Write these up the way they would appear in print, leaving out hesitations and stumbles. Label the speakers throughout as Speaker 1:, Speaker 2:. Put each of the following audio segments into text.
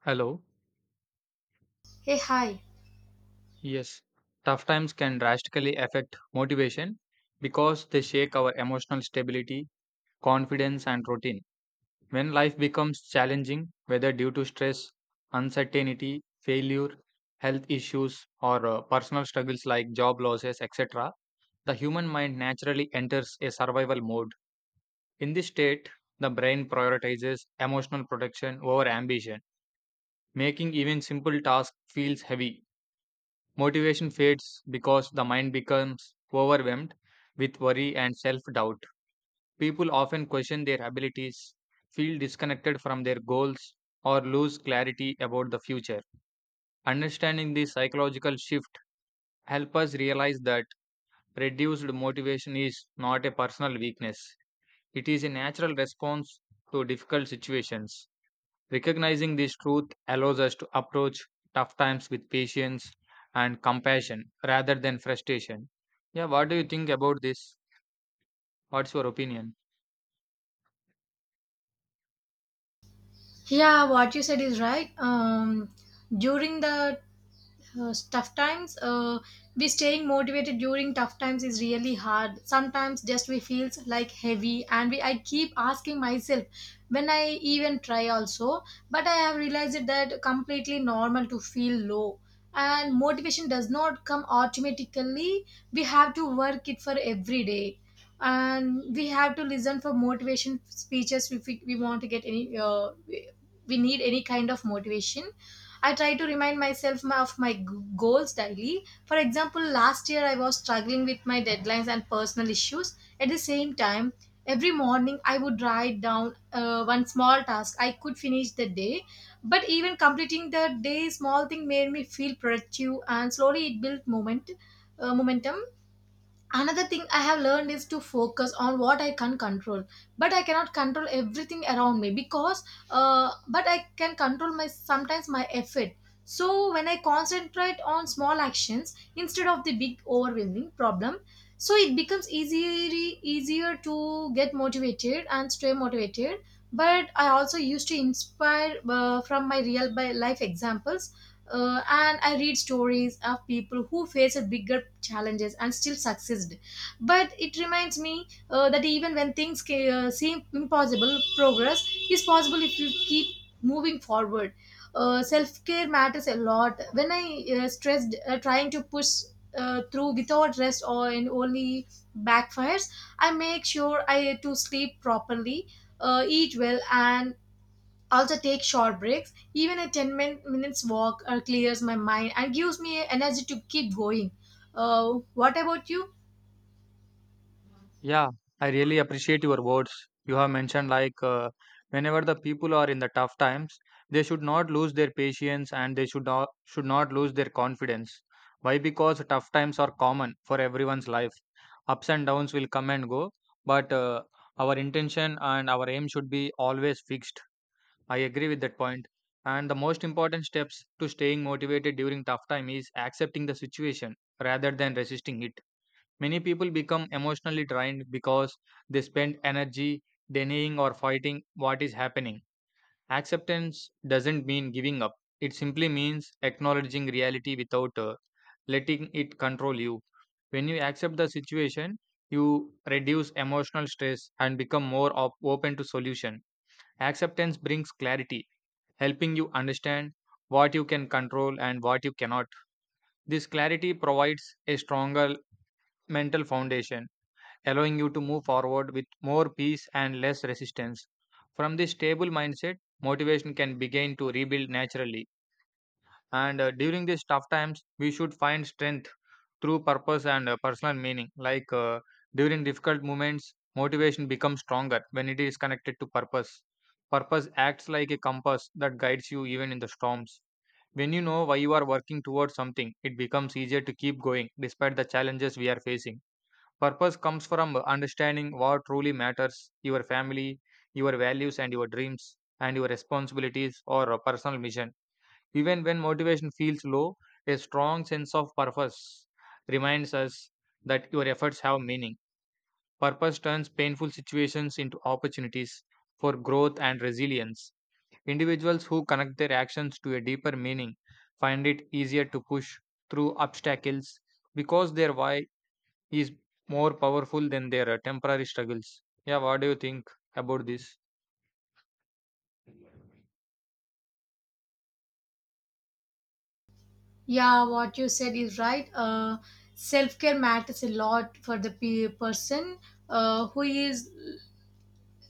Speaker 1: Hello.
Speaker 2: Hey, hi.
Speaker 1: Yes. Tough times can drastically affect motivation because they shake our emotional stability, confidence, and routine. When life becomes challenging, whether due to stress, uncertainty, failure, health issues, or personal struggles like job losses, etc., the human mind naturally enters a survival mode. In this state, the brain prioritizes emotional protection over ambition, making even simple tasks feels heavy. Motivation fades because the mind becomes overwhelmed with worry and self doubt. People often question their abilities, feel disconnected from their goals, or lose clarity about the future. Understanding this psychological shift helps us realize that reduced motivation is not a personal weakness, it is a natural response to difficult situations. Recognizing this truth allows us to approach tough times with patience and compassion rather than frustration. Yeah, what do you think about this? What's your opinion?
Speaker 2: Yeah, what you said is right. During the tough times, we staying motivated during tough times is really hard. Sometimes just we feels like heavy, and we I keep asking myself when I even try also, but I have realized that completely normal to feel low. And motivation does not come automatically. We have to work it for every day. And we have to listen for motivation speeches if we want to get any we need any kind of motivation. I try to remind myself of my goals daily. For example, last year I was struggling with my deadlines and personal issues at the same time. Every morning I would write down one small task I could finish the day, but even completing the day small thing made me feel productive, and slowly it built momentum. Another thing I have learned is to focus on what I can control, but I cannot control everything around me because but I can control my sometimes my effort. So when I concentrate on small actions instead of the big overwhelming problem, so it becomes easier to get motivated and stay motivated. But I also used to inspire from my real by life examples. And I read stories of people who face a bigger challenges and still succeeded, but it reminds me that even when things seem impossible, progress is possible if you keep moving forward. Self-care matters a lot when I stressed, trying to push through without rest or and only backfires. I make sure I to sleep properly, eat well, and also take short breaks. Even a 10 minutes walk clears my mind and gives me energy to keep going. What about you?
Speaker 1: Yeah, I really appreciate your words. You have mentioned like whenever the people are in the tough times, they should not lose their patience and they should not lose their confidence. Why? Because tough times are common for everyone's life. Ups and downs will come and go, but our intention and our aim should be always fixed. I agree with that point. And the most important steps to staying motivated during tough time is accepting the situation rather than resisting it. Many people become emotionally drained because they spend energy denying or fighting what is happening. Acceptance doesn't mean giving up. It simply means acknowledging reality without letting it control you. When you accept the situation, you reduce emotional stress and become more open to solution. Acceptance brings clarity helping you understand what you can control and what you cannot. This clarity provides a stronger mental foundation, allowing you to move forward with more peace and less resistance. From this stable mindset, motivation can begin to rebuild naturally. And during these tough times, we should find strength through purpose and personal meaning. Like during difficult moments, motivation becomes stronger when it is connected to purpose. Purpose acts like a compass that guides you even in the storms. When you know why you are working towards something, it becomes easier to keep going despite the challenges we are facing. Purpose comes from understanding what truly matters, your family, your values, and your dreams, and your responsibilities or a personal mission. Even when motivation feels low, a strong sense of purpose reminds us that your efforts have meaning. Purpose turns painful situations into opportunities for growth and resilience. Individuals who connect their actions to a deeper meaning find it easier to push through obstacles because their why is more powerful than their temporary struggles. Yeah, what do you think about this?
Speaker 2: Yeah, what you said is right. Self-care matters a lot for the person who is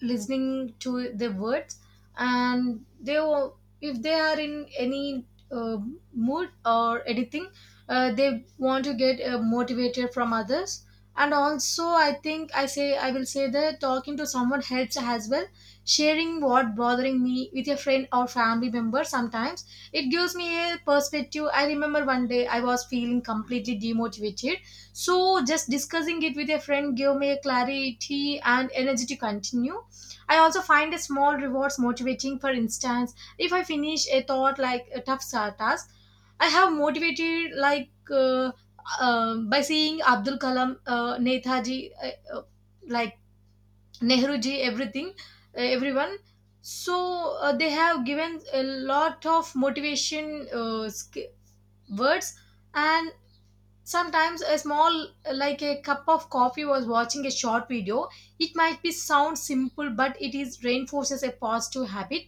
Speaker 2: listening to the words, and if they are in any uh, mood or anything, they want to get motivated from others. And also I think I will say that talking to someone helps as well. Sharing what bothering me with a friend or family member sometimes it gives me a perspective. I remember one day I was feeling completely demotivated, so just discussing it with a friend gave me a clarity and energy to continue. I also find a small rewards motivating. For instance, if I finish a thought like a tough task, I have motivated like by seeing Abdul Kalam, Netaji, uh, like Nehruji, everything, everyone. So they have given a lot of motivation words, and sometimes a small like a cup of coffee was watching a short video. It might be sound simple, but it is reinforces a positive habit.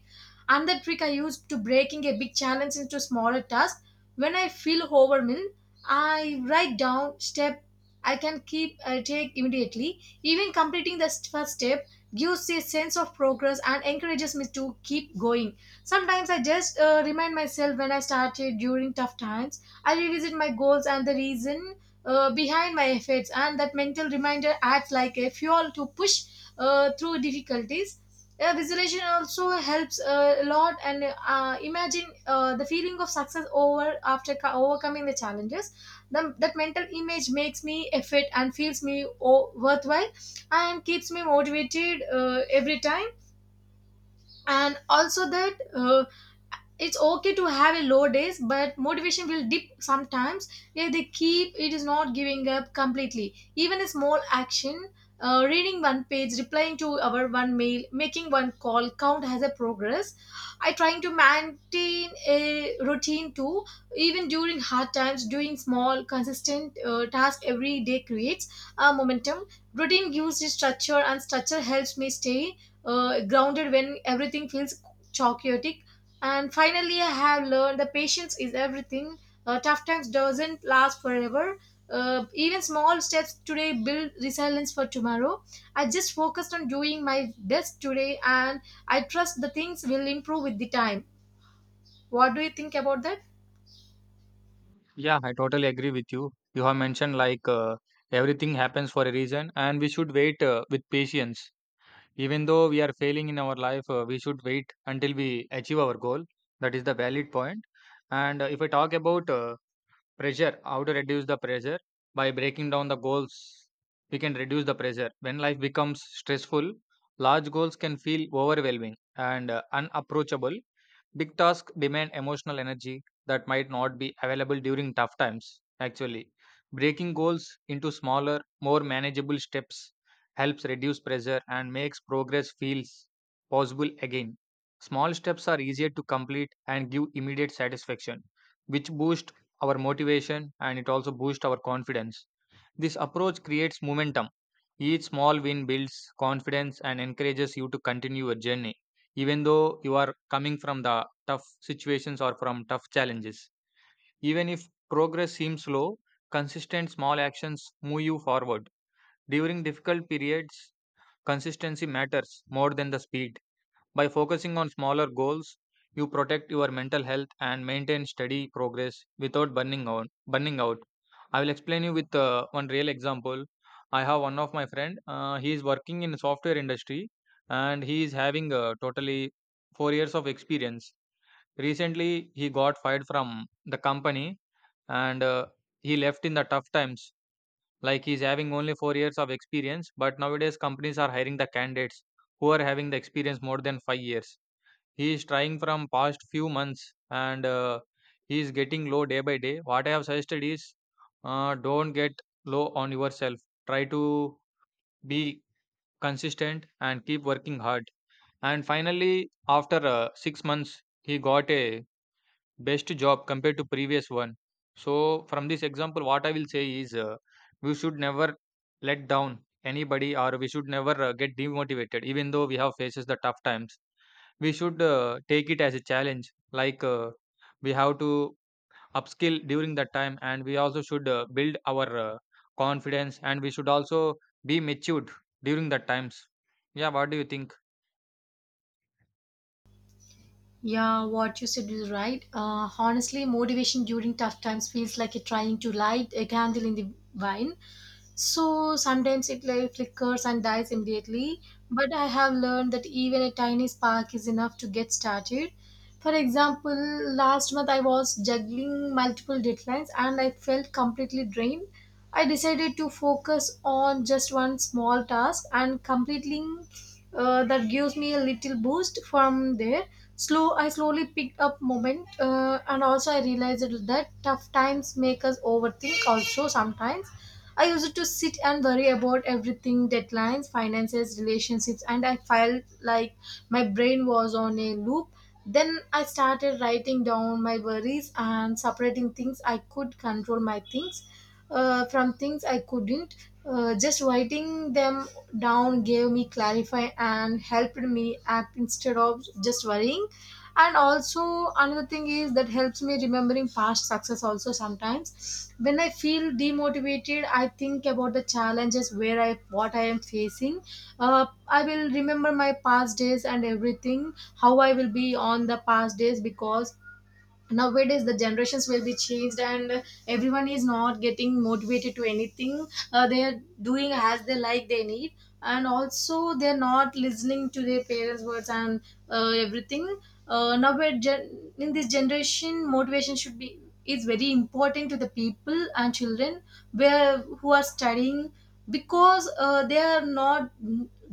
Speaker 2: Another trick I use to breaking a big challenge into smaller tasks. When I feel overwhelmed, I write down step I can keep take immediately. Even completing the first step gives a sense of progress and encourages me to keep going. Sometimes I just remind myself when I started during tough times. I revisit my goals and the reason behind my efforts, and that mental reminder acts like a fuel to push through difficulties. Visualization also helps a lot, and imagine the feeling of success over after overcoming the challenges. That mental image makes me effort and feels me worthwhile, and keeps me motivated every time. And also that. It's okay to have a low days, but motivation will dip sometimes. If they keep it is not giving up completely, even a small action, reading one page, replying to our one mail, making one call count as a progress. I trying to maintain a routine too. Even during hard times, doing small consistent task every day creates a momentum. Routine gives the structure, and structure helps me stay grounded when everything feels chaotic. And finally, I have learned the patience is everything. Tough times doesn't last forever. Even small steps today build resilience for tomorrow. I just focused on doing my best today, and I trust the things will improve with the time. What do you think about that?
Speaker 1: Yeah, I totally agree with you. You have mentioned like everything happens for a reason and we should wait with patience. Even though we are failing in our life, we should wait until we achieve our goal. That is the valid point. And if I talk about pressure. How to reduce the pressure? By breaking down the goals, we can reduce the pressure. When life becomes stressful, large goals can feel overwhelming and unapproachable. Big tasks demand emotional energy that might not be available during tough times. Actually, breaking goals into smaller, more manageable steps helps reduce pressure and makes progress feels possible again. Small steps are easier to complete and give immediate satisfaction, which boost our motivation and it also boosts our confidence. This approach creates momentum. Each small win builds confidence and encourages you to continue your journey, even though you are coming from the tough situations or from tough challenges. Even if progress seems slow, consistent small actions move you forward. During difficult periods, consistency matters more than the speed. By focusing on smaller goals, you protect your mental health and maintain steady progress without burning out. Burning out. I will explain you with one real example. I have one of my friend. He is working in software industry, and he is having totally 4 years of experience. Recently, he got fired from the company, and he left in the tough times. Like he's having only 4 years of experience, but nowadays companies are hiring the candidates who are having the experience more than 5 years. He is trying from past few months and he is getting low day by day. What I have suggested is, don't get low on yourself. Try to be consistent and keep working hard, and finally after 6 months he got a best job compared to previous one. So from this example what I will say is, we should never let down anybody or we should never get demotivated even though we have faces the tough times. We should take it as a challenge. Like we have to upskill during that time, and we also should build our confidence, and we should also be matured during that times. Yeah, what do you think?
Speaker 2: Yeah, what you said is right. Honestly, motivation during tough times feels like you're trying to light a candle in the wine. So sometimes it like flickers and dies immediately. But I have learned that even a tiny spark is enough to get started. For example, last month I was juggling multiple deadlines and I felt completely drained. I decided to focus on just one small task, and completing that gives me a little boost. From there slowly picked up moment And also I realized that tough times make us overthink also sometimes. I used to sit and worry about everything, deadlines, finances, relationships, and I felt like my brain was on a loop. Then I started writing down my worries and separating things I could control my things from things I couldn't. Just writing them down gave me clarify and helped me act instead of just worrying. And also another thing is that helps me remembering past success also sometimes. When I feel demotivated, I think about the challenges where I what I am facing. I will remember my past days and everything, how I will be on the past days, because nowadays the generations will be changed and everyone is not getting motivated to anything. They are doing as they like they need, and also they're not listening to their parents words and everything. Now we're in this generation motivation should be is very important to the people and children where who are studying, because they are not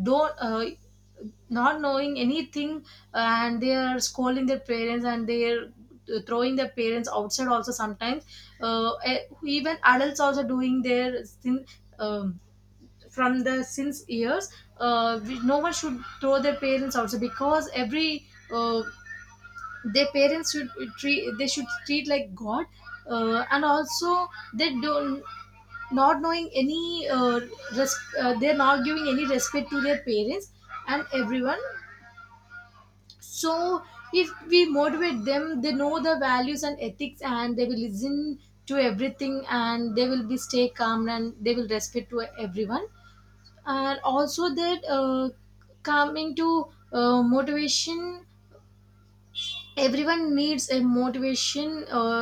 Speaker 2: don't not knowing anything, and they are scolding their parents, and they are throwing their parents outside also sometimes. Even adults also doing their sin, um, from the since years. No one should throw their parents also, because every uh, their parents should treat they should treat like god. And also they don't not knowing any they're not giving any respect to their parents and everyone. So if we motivate them, they know the values and ethics, and they will listen to everything, and they will be stay calm, and they will respect to everyone. And also that coming to motivation, everyone needs a motivation.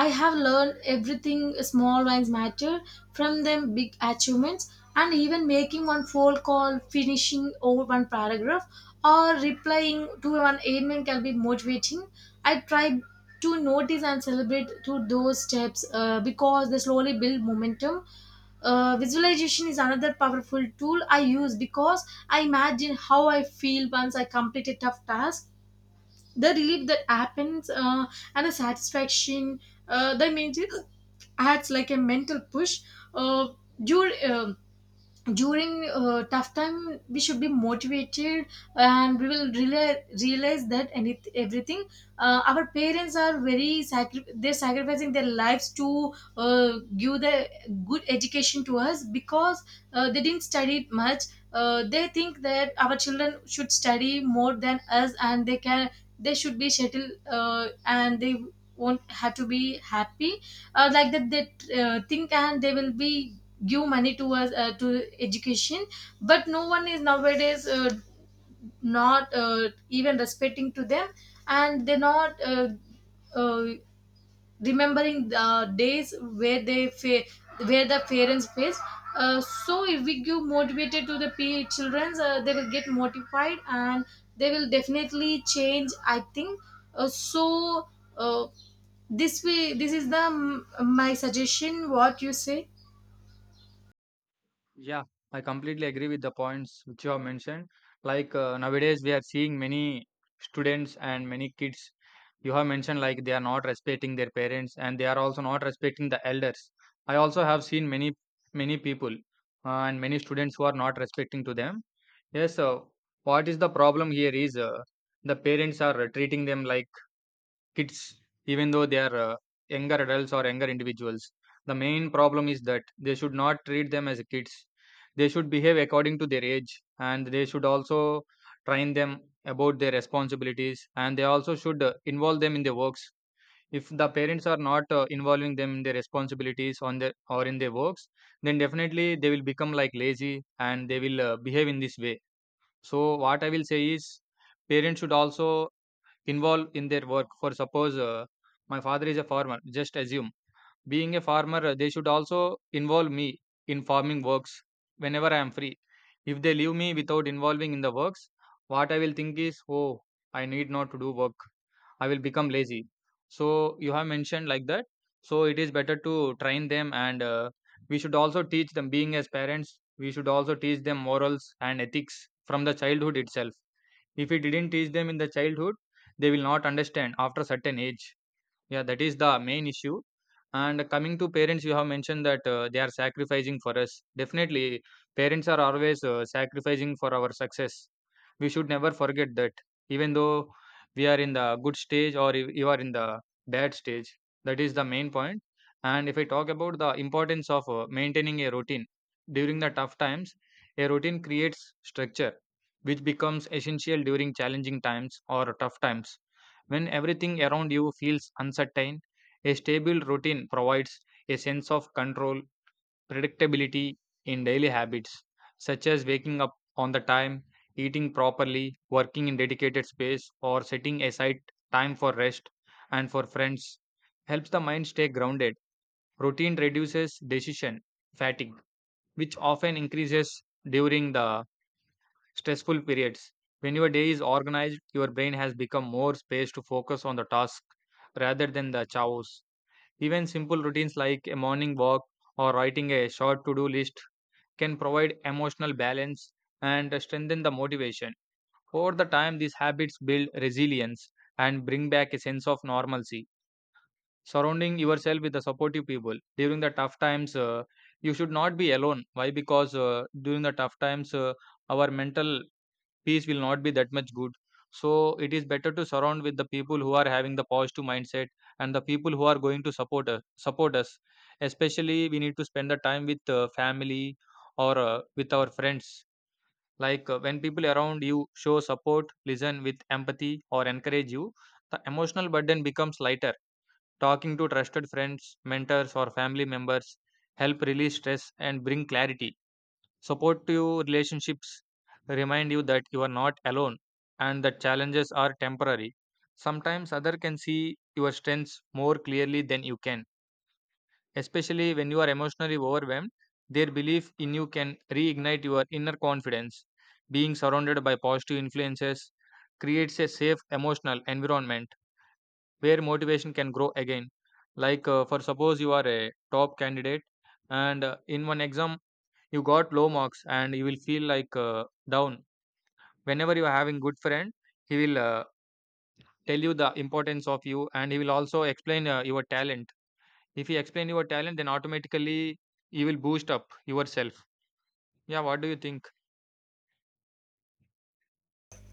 Speaker 2: I have learned everything small wins matter. From them big achievements, and even making one phone call, finishing over one paragraph, or replying to one email can be motivating. I try to notice and celebrate through those steps because they slowly build momentum. Uh, visualization is another powerful tool I use, because I imagine how I feel once I complete a tough task, the relief that happens and the satisfaction. The music adds like a mental push. uh, during uh, During tough time we should be motivated, and we will realize that any everything our parents are very they're sacrificing their lives to give the good education to us, because they didn't study much. They think that our children should study more than us, and they should be settled, and they won't have to be happy. Like that they think, and they will be give money towards to education, but no one is nowadays not even respecting to them, and they're not uh, remembering the days where where the parents face. So if we give motivated to the p children, they will get motivated, and they will definitely change I think. uh, so uh, this way this is the my suggestion. What you say?
Speaker 1: Yeah, I completely agree with the points which you have mentioned. Like nowadays, we are seeing many students and many kids. You have mentioned like they are not respecting their parents and they are also not respecting the elders. I also have seen many people and many students who are not respecting to them. Yes, so what is the problem here is, the parents are treating them like kids even though they are younger adults or younger individuals. The main problem is that they should not treat them as kids. They should behave according to their age and they should also train them about their responsibilities and they also should involve them in their works. If the parents are not involving them in their responsibilities on their or in their works, then definitely they will become like lazy and they will behave in this way. So what I will say is, parents should also involved in their work. For suppose my father is a farmer, just assume. Being a farmer, they should also involve me in farming works whenever I am free. If they leave me without involving in the works, what I will think is, oh, I need not to do work. I will become lazy. So you have mentioned like that. So it is better to train them, and we should also teach them. Being as parents, we should also teach them morals and ethics from the childhood itself. If we didn't teach them in the childhood, they will not understand after a certain age. Yeah, that is the main issue. And coming to parents, you have mentioned that they are sacrificing for us. Definitely, parents are always sacrificing for our success. We should never forget that, even though we are in the good stage or if you are in the bad stage. That is the main point. And if I talk about the importance of maintaining a routine during the tough times, a routine creates structure, which becomes essential during challenging times or tough times. When everything around you feels uncertain, a stable routine provides a sense of control, predictability in daily habits, such as waking up on the time, eating properly, working in dedicated space, or setting aside time for rest and for friends. Helps the mind stay grounded. Routine reduces decision fatigue, which often increases during the stressful periods. When your day is organized, your brain has become more space to focus on the task rather than the chaos. Even simple routines like a morning walk or writing a short to do list can provide emotional balance and strengthen the motivation. Over the time, these habits build resilience and bring back a sense of normalcy. Surrounding yourself with the supportive people during the tough times, you should not be alone. Why? Because during the tough times, our mental peace will not be that much good. So it is better to surround with the people who are having the positive mindset and the people who are going to support us, especially we need to spend the time with family or with our friends. Like when people around you show support, listen with empathy or encourage you, the emotional burden becomes lighter. Talking to trusted friends, mentors or family members help release stress and bring clarity. Supportive relationships remind you that you are not alone and that challenges are temporary. Sometimes other can see your strengths more clearly than you can. Especially when you are emotionally overwhelmed, their belief in you can reignite your inner confidence. Being surrounded by positive influences creates a safe emotional environment where motivation can grow again. For suppose you are a top candidate and in one exam you got low marks and you will feel down whenever you are having good friend he will tell you the importance of you and he will also explain your talent. If he explain your talent, then automatically you will boost up yourself. Yeah, what do you think?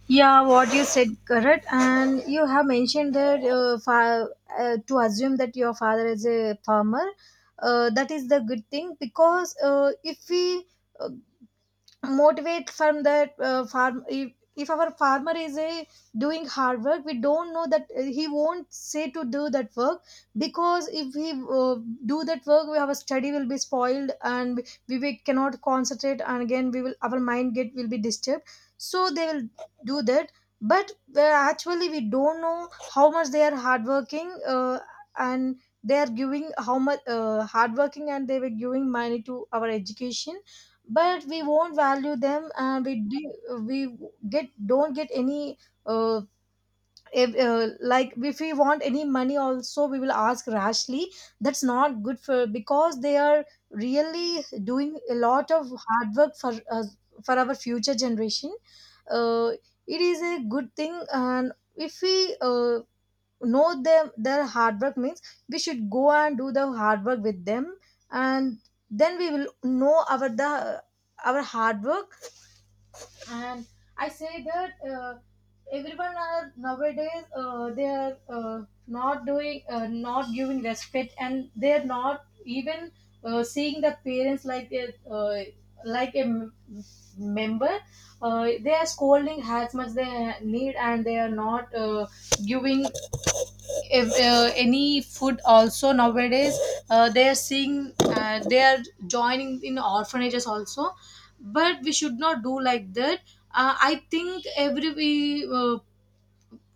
Speaker 2: Yeah, what you said, correct. And you have mentioned that to assume that your father is a farmer, that is the good thing because if we motivate from that farm if our farmer is a doing hard work. We don't know that he won't say to do that work, because if we do that work we, our study will be spoiled and we cannot concentrate, and again we will our mind get will be disturbed, so they will do that. But actually we don't know how much they are hardworking, and they are giving how much hardworking, and they were giving money to our education, but we won't value them. And we do, we get don't get any uh, if, like if we want any money also we will ask rashly. That's not good for, because they are really doing a lot of hard work for us, for our future generation. Uh, it is a good thing, and if we know them their hard work means we should go and do the hard work with them. And then we will know our the our hard work. And I say that everyone are nowadays they are not giving respect, and they are not even seeing the parents like a like a m- member. Uh, they are scolding as much they need, and they are not giving if, any food also nowadays. Uh, they are seeing, they are joining in orphanages also, but we should not do like that. Uh, I think every we,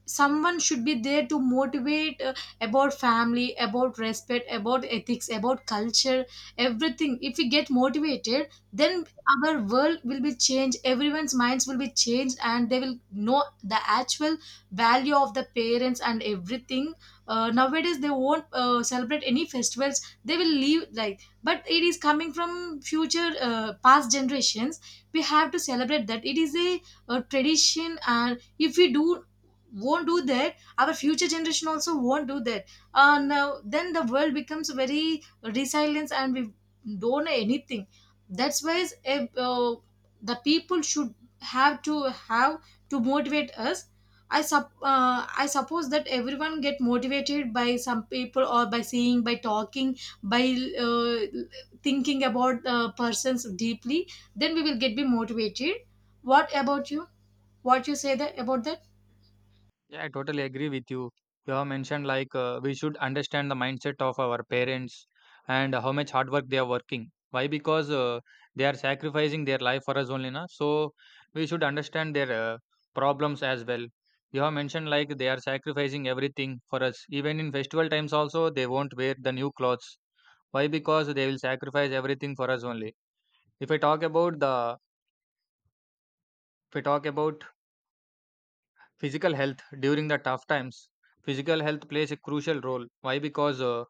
Speaker 2: someone should be there to motivate about family, about respect, about ethics, about culture, everything. If we get motivated then our world will be changed, everyone's minds will be changed, and they will know the actual value of the parents and everything. Uh, nowadays they won't celebrate any festivals, they will leave like. But it is coming from future past generations, we have to celebrate that. It is a tradition, and if we do won't do that, our future generation also won't do that. Uh, now then the world becomes very resilient and we don't know anything. That's why the people should have to motivate us. I suppose that everyone get motivated by some people, or by seeing, by talking, by uh, thinking about persons deeply. Then we will get be motivated. What about you? What you say that about that?
Speaker 1: Yeah, I totally agree with you. You have mentioned we should understand the mindset of our parents and how much hard work they are working. Why? Because they are sacrificing their life for us only, na. So we should understand their problems as well. You have mentioned like they are sacrificing everything for us. Even in festival times also, they won't wear the new clothes. Why? Because they will sacrifice everything for us only. If I talk about the, if I talk about physical health during the tough times. Physical health plays a crucial role. Why? Because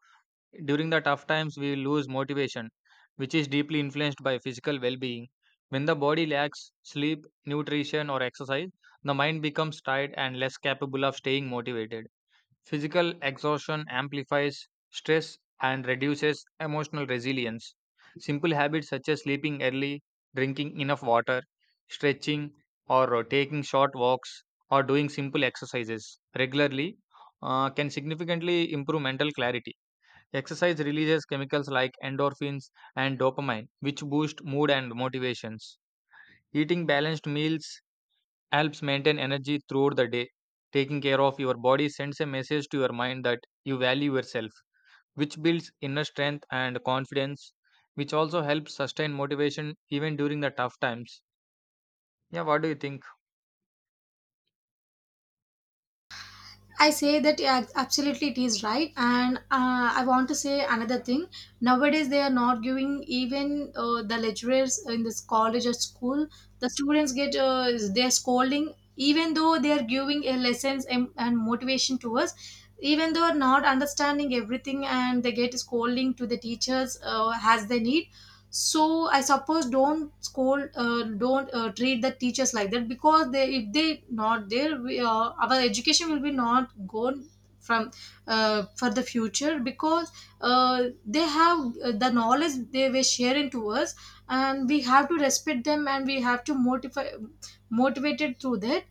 Speaker 1: during the tough times, we lose motivation, which is deeply influenced by physical well being. When the body lacks sleep, nutrition, or exercise, the mind becomes tired and less capable of staying motivated. Physical exhaustion amplifies stress and reduces emotional resilience. Simple habits such as sleeping early, drinking enough water, stretching, or taking short walks, or doing simple exercises regularly can significantly improve mental clarity. Exercise releases chemicals like endorphins and dopamine, which boost mood and motivations. Eating balanced meals helps maintain energy throughout the day. Taking care of your body sends a message to your mind that you value yourself, which builds inner strength and confidence, which also helps sustain motivation even during the tough times. Yeah, what do you think?
Speaker 2: I say that yeah, absolutely it is right, and I want to say another thing. Nowadays, they are not giving even the lecturers in this college or school. The students get they're scolding, even though they are giving a lessons and motivation to us. Even though not understanding everything, and they get scolding to the teachers as they need. So I suppose don't scold, don't treat the teachers like that, because they if they not there we, our education will be not gone from for the future. Because they have the knowledge they were sharing to us, and we have to respect them, and we have to motivate motivated through that.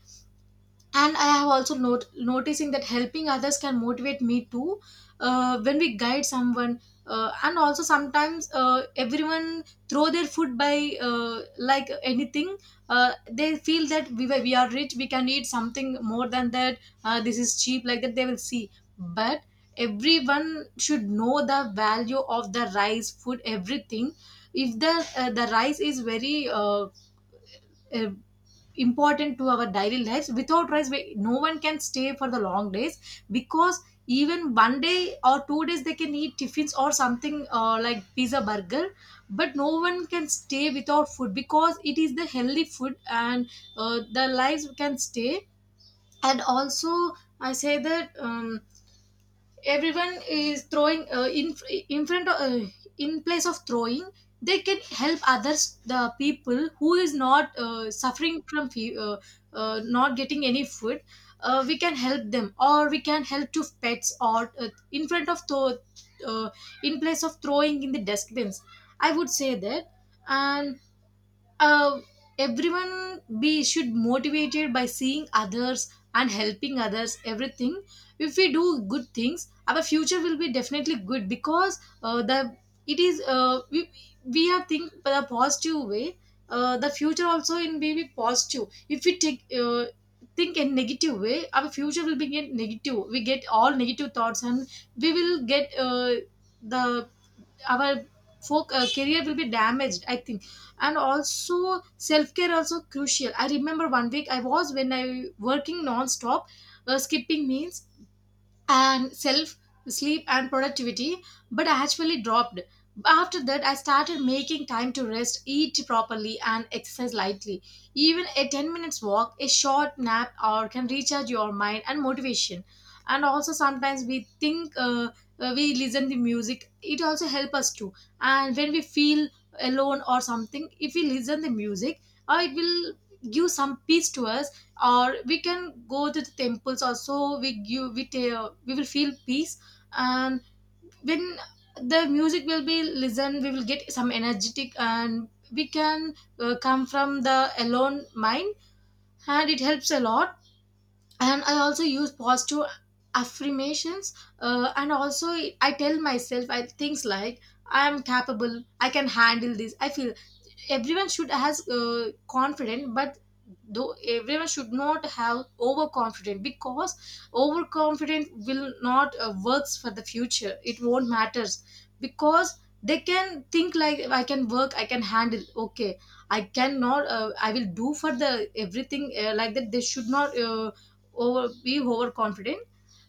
Speaker 2: And I have also noticing that helping others can motivate me too. Uh, when we guide someone, and also sometimes everyone throw their food by like anything. Uh, they feel that we are rich, we can eat something more than that. Uh, this is cheap, like that they will see. But everyone should know the value of the rice, food, everything. If the the rice is very uh, important to our daily lives, without rice we, no one can stay for the long days. Because even one day or 2 days they can eat tiffins or something, like pizza, burger. But no one can stay without food, because it is the healthy food and the lives can stay. And also I say that everyone is throwing in front of, in place of throwing, they can help others, the people who is not not getting any food. Uh, we can help them, or we can help to pets, or in front of throw, uh, in place of throwing in the dustbins, I would say that. And uh, everyone be should motivated by seeing others and helping others, everything. If we do good things our future will be definitely good, because the it is we are think the positive way, the future also in may be positive. If we take think in negative way our future will be get negative, we get all negative thoughts, and we will get the our folk career will be damaged I think. And also self-care also crucial. I remember one week I was when I working non-stop, skipping meals and self sleep and productivity, but I actually dropped. After that I started making time to rest, eat properly, and exercise lightly. Even a 10 minutes walk, a short nap or can recharge your mind and motivation. And also sometimes we think we listen to music, it also help us too. And when we feel alone or something, if we listen the music, it will give some peace to us. Or we can go to the temples also, we give we will feel peace. And when the music will be listened we will get some energetic, and we can come from the alone mind, and it helps a lot. And I also use positive affirmations. Uh, and also I tell myself I, things like I am capable, I can handle this. I feel everyone should has confident, but though everyone should not have overconfident. Because overconfident will not works for the future, it won't matters. Because they can think like I can work, I can handle okay, I cannot I will do for the everything like that, they should not over be overconfident.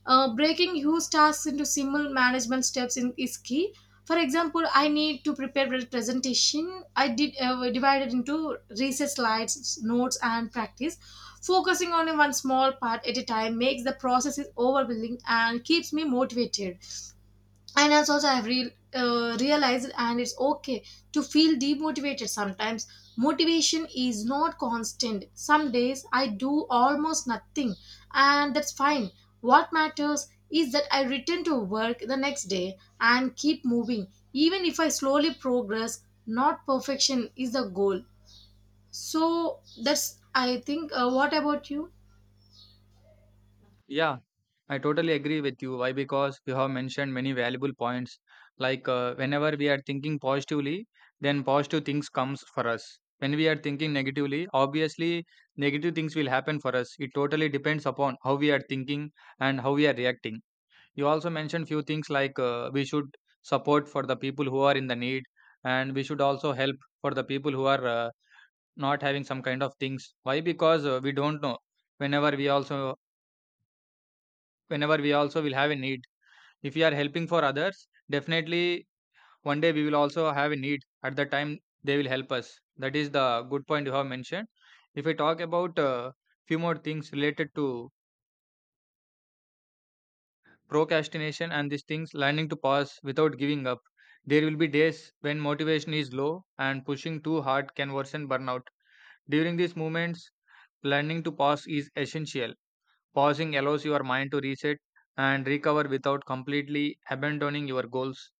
Speaker 2: Breaking huge tasks into simple management steps in, is key. For example, I need to prepare a presentation. I did divided into research, slides, notes, and practice. Focusing on one small part at a time makes the process is overwhelming and keeps me motivated. And as also i've realized, and it's okay to feel demotivated sometimes. Motivation is not constant, some days I do almost nothing, and that's fine. What matters is that I return to work the next day and keep moving, even if I slowly progress, not perfection is the goal. So that's I think, what about you?
Speaker 1: Yeah, I totally agree with you. Why? Because you have mentioned many valuable points. Whenever we are thinking positively, then positive things comes for us. When we are thinking negatively, obviously negative things will happen for us. It totally depends upon how we are thinking and how we are reacting. You also mentioned few things we should support for the people who are in the need, and we should also help for the people who are not having some kind of things. Why? Because we don't know. Whenever we also whenever we also will have a need, if we are helping for others, definitely one day we will also have a need. At the time, they will help us. That is the good point you have mentioned. If we talk about few more things related to procrastination and these things, learning to pause without giving up. There will be days when motivation is low and pushing too hard can worsen burnout. During these moments, learning to pause is essential. Pausing allows your mind to reset and recover without completely abandoning your goals.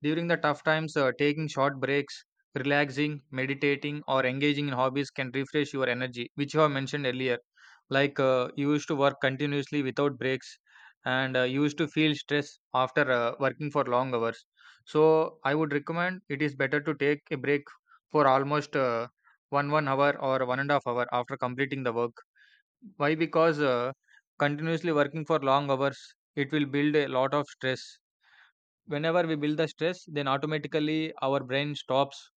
Speaker 1: During the tough times, taking short breaks, relaxing, meditating, or engaging in hobbies can refresh your energy, which you have mentioned earlier. You used to work continuously without breaks, and you used to feel stress after working for long hours. So I would recommend it is better to take a break for almost one hour or 1.5 hour after completing the work. Why? Because continuously working for long hours, it will build a lot of stress. Whenever we build the stress, then automatically our brain stops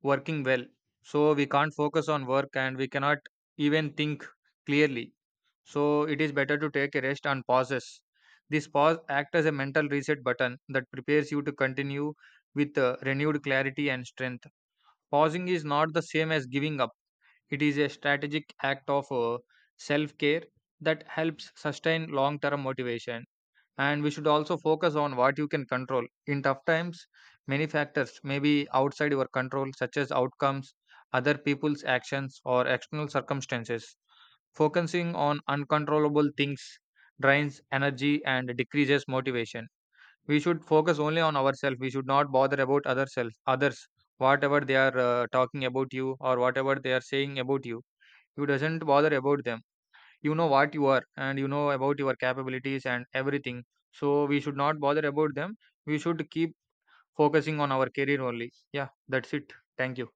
Speaker 1: working well. So we can't focus on work and we cannot even think clearly. So it is better to take a rest and pauses. This pause acts as a mental reset button that prepares you to continue with renewed clarity and strength. Pausing is not the same as giving up. It is a strategic act of self care that helps sustain long term motivation. And we should also focus on what you can control in tough times. Many factors may be outside your control, such as outcomes, other people's actions, or external circumstances. Focusing on uncontrollable things drains energy and decreases motivation. We should focus only on ourselves. We should not bother about others. Whatever they are talking about you or whatever they are saying about you, you doesn't bother about them. You know what you are and you know about your capabilities and everything. So we should not bother about them. We should keep focusing on our career only. Yeah, that's it. Thank you.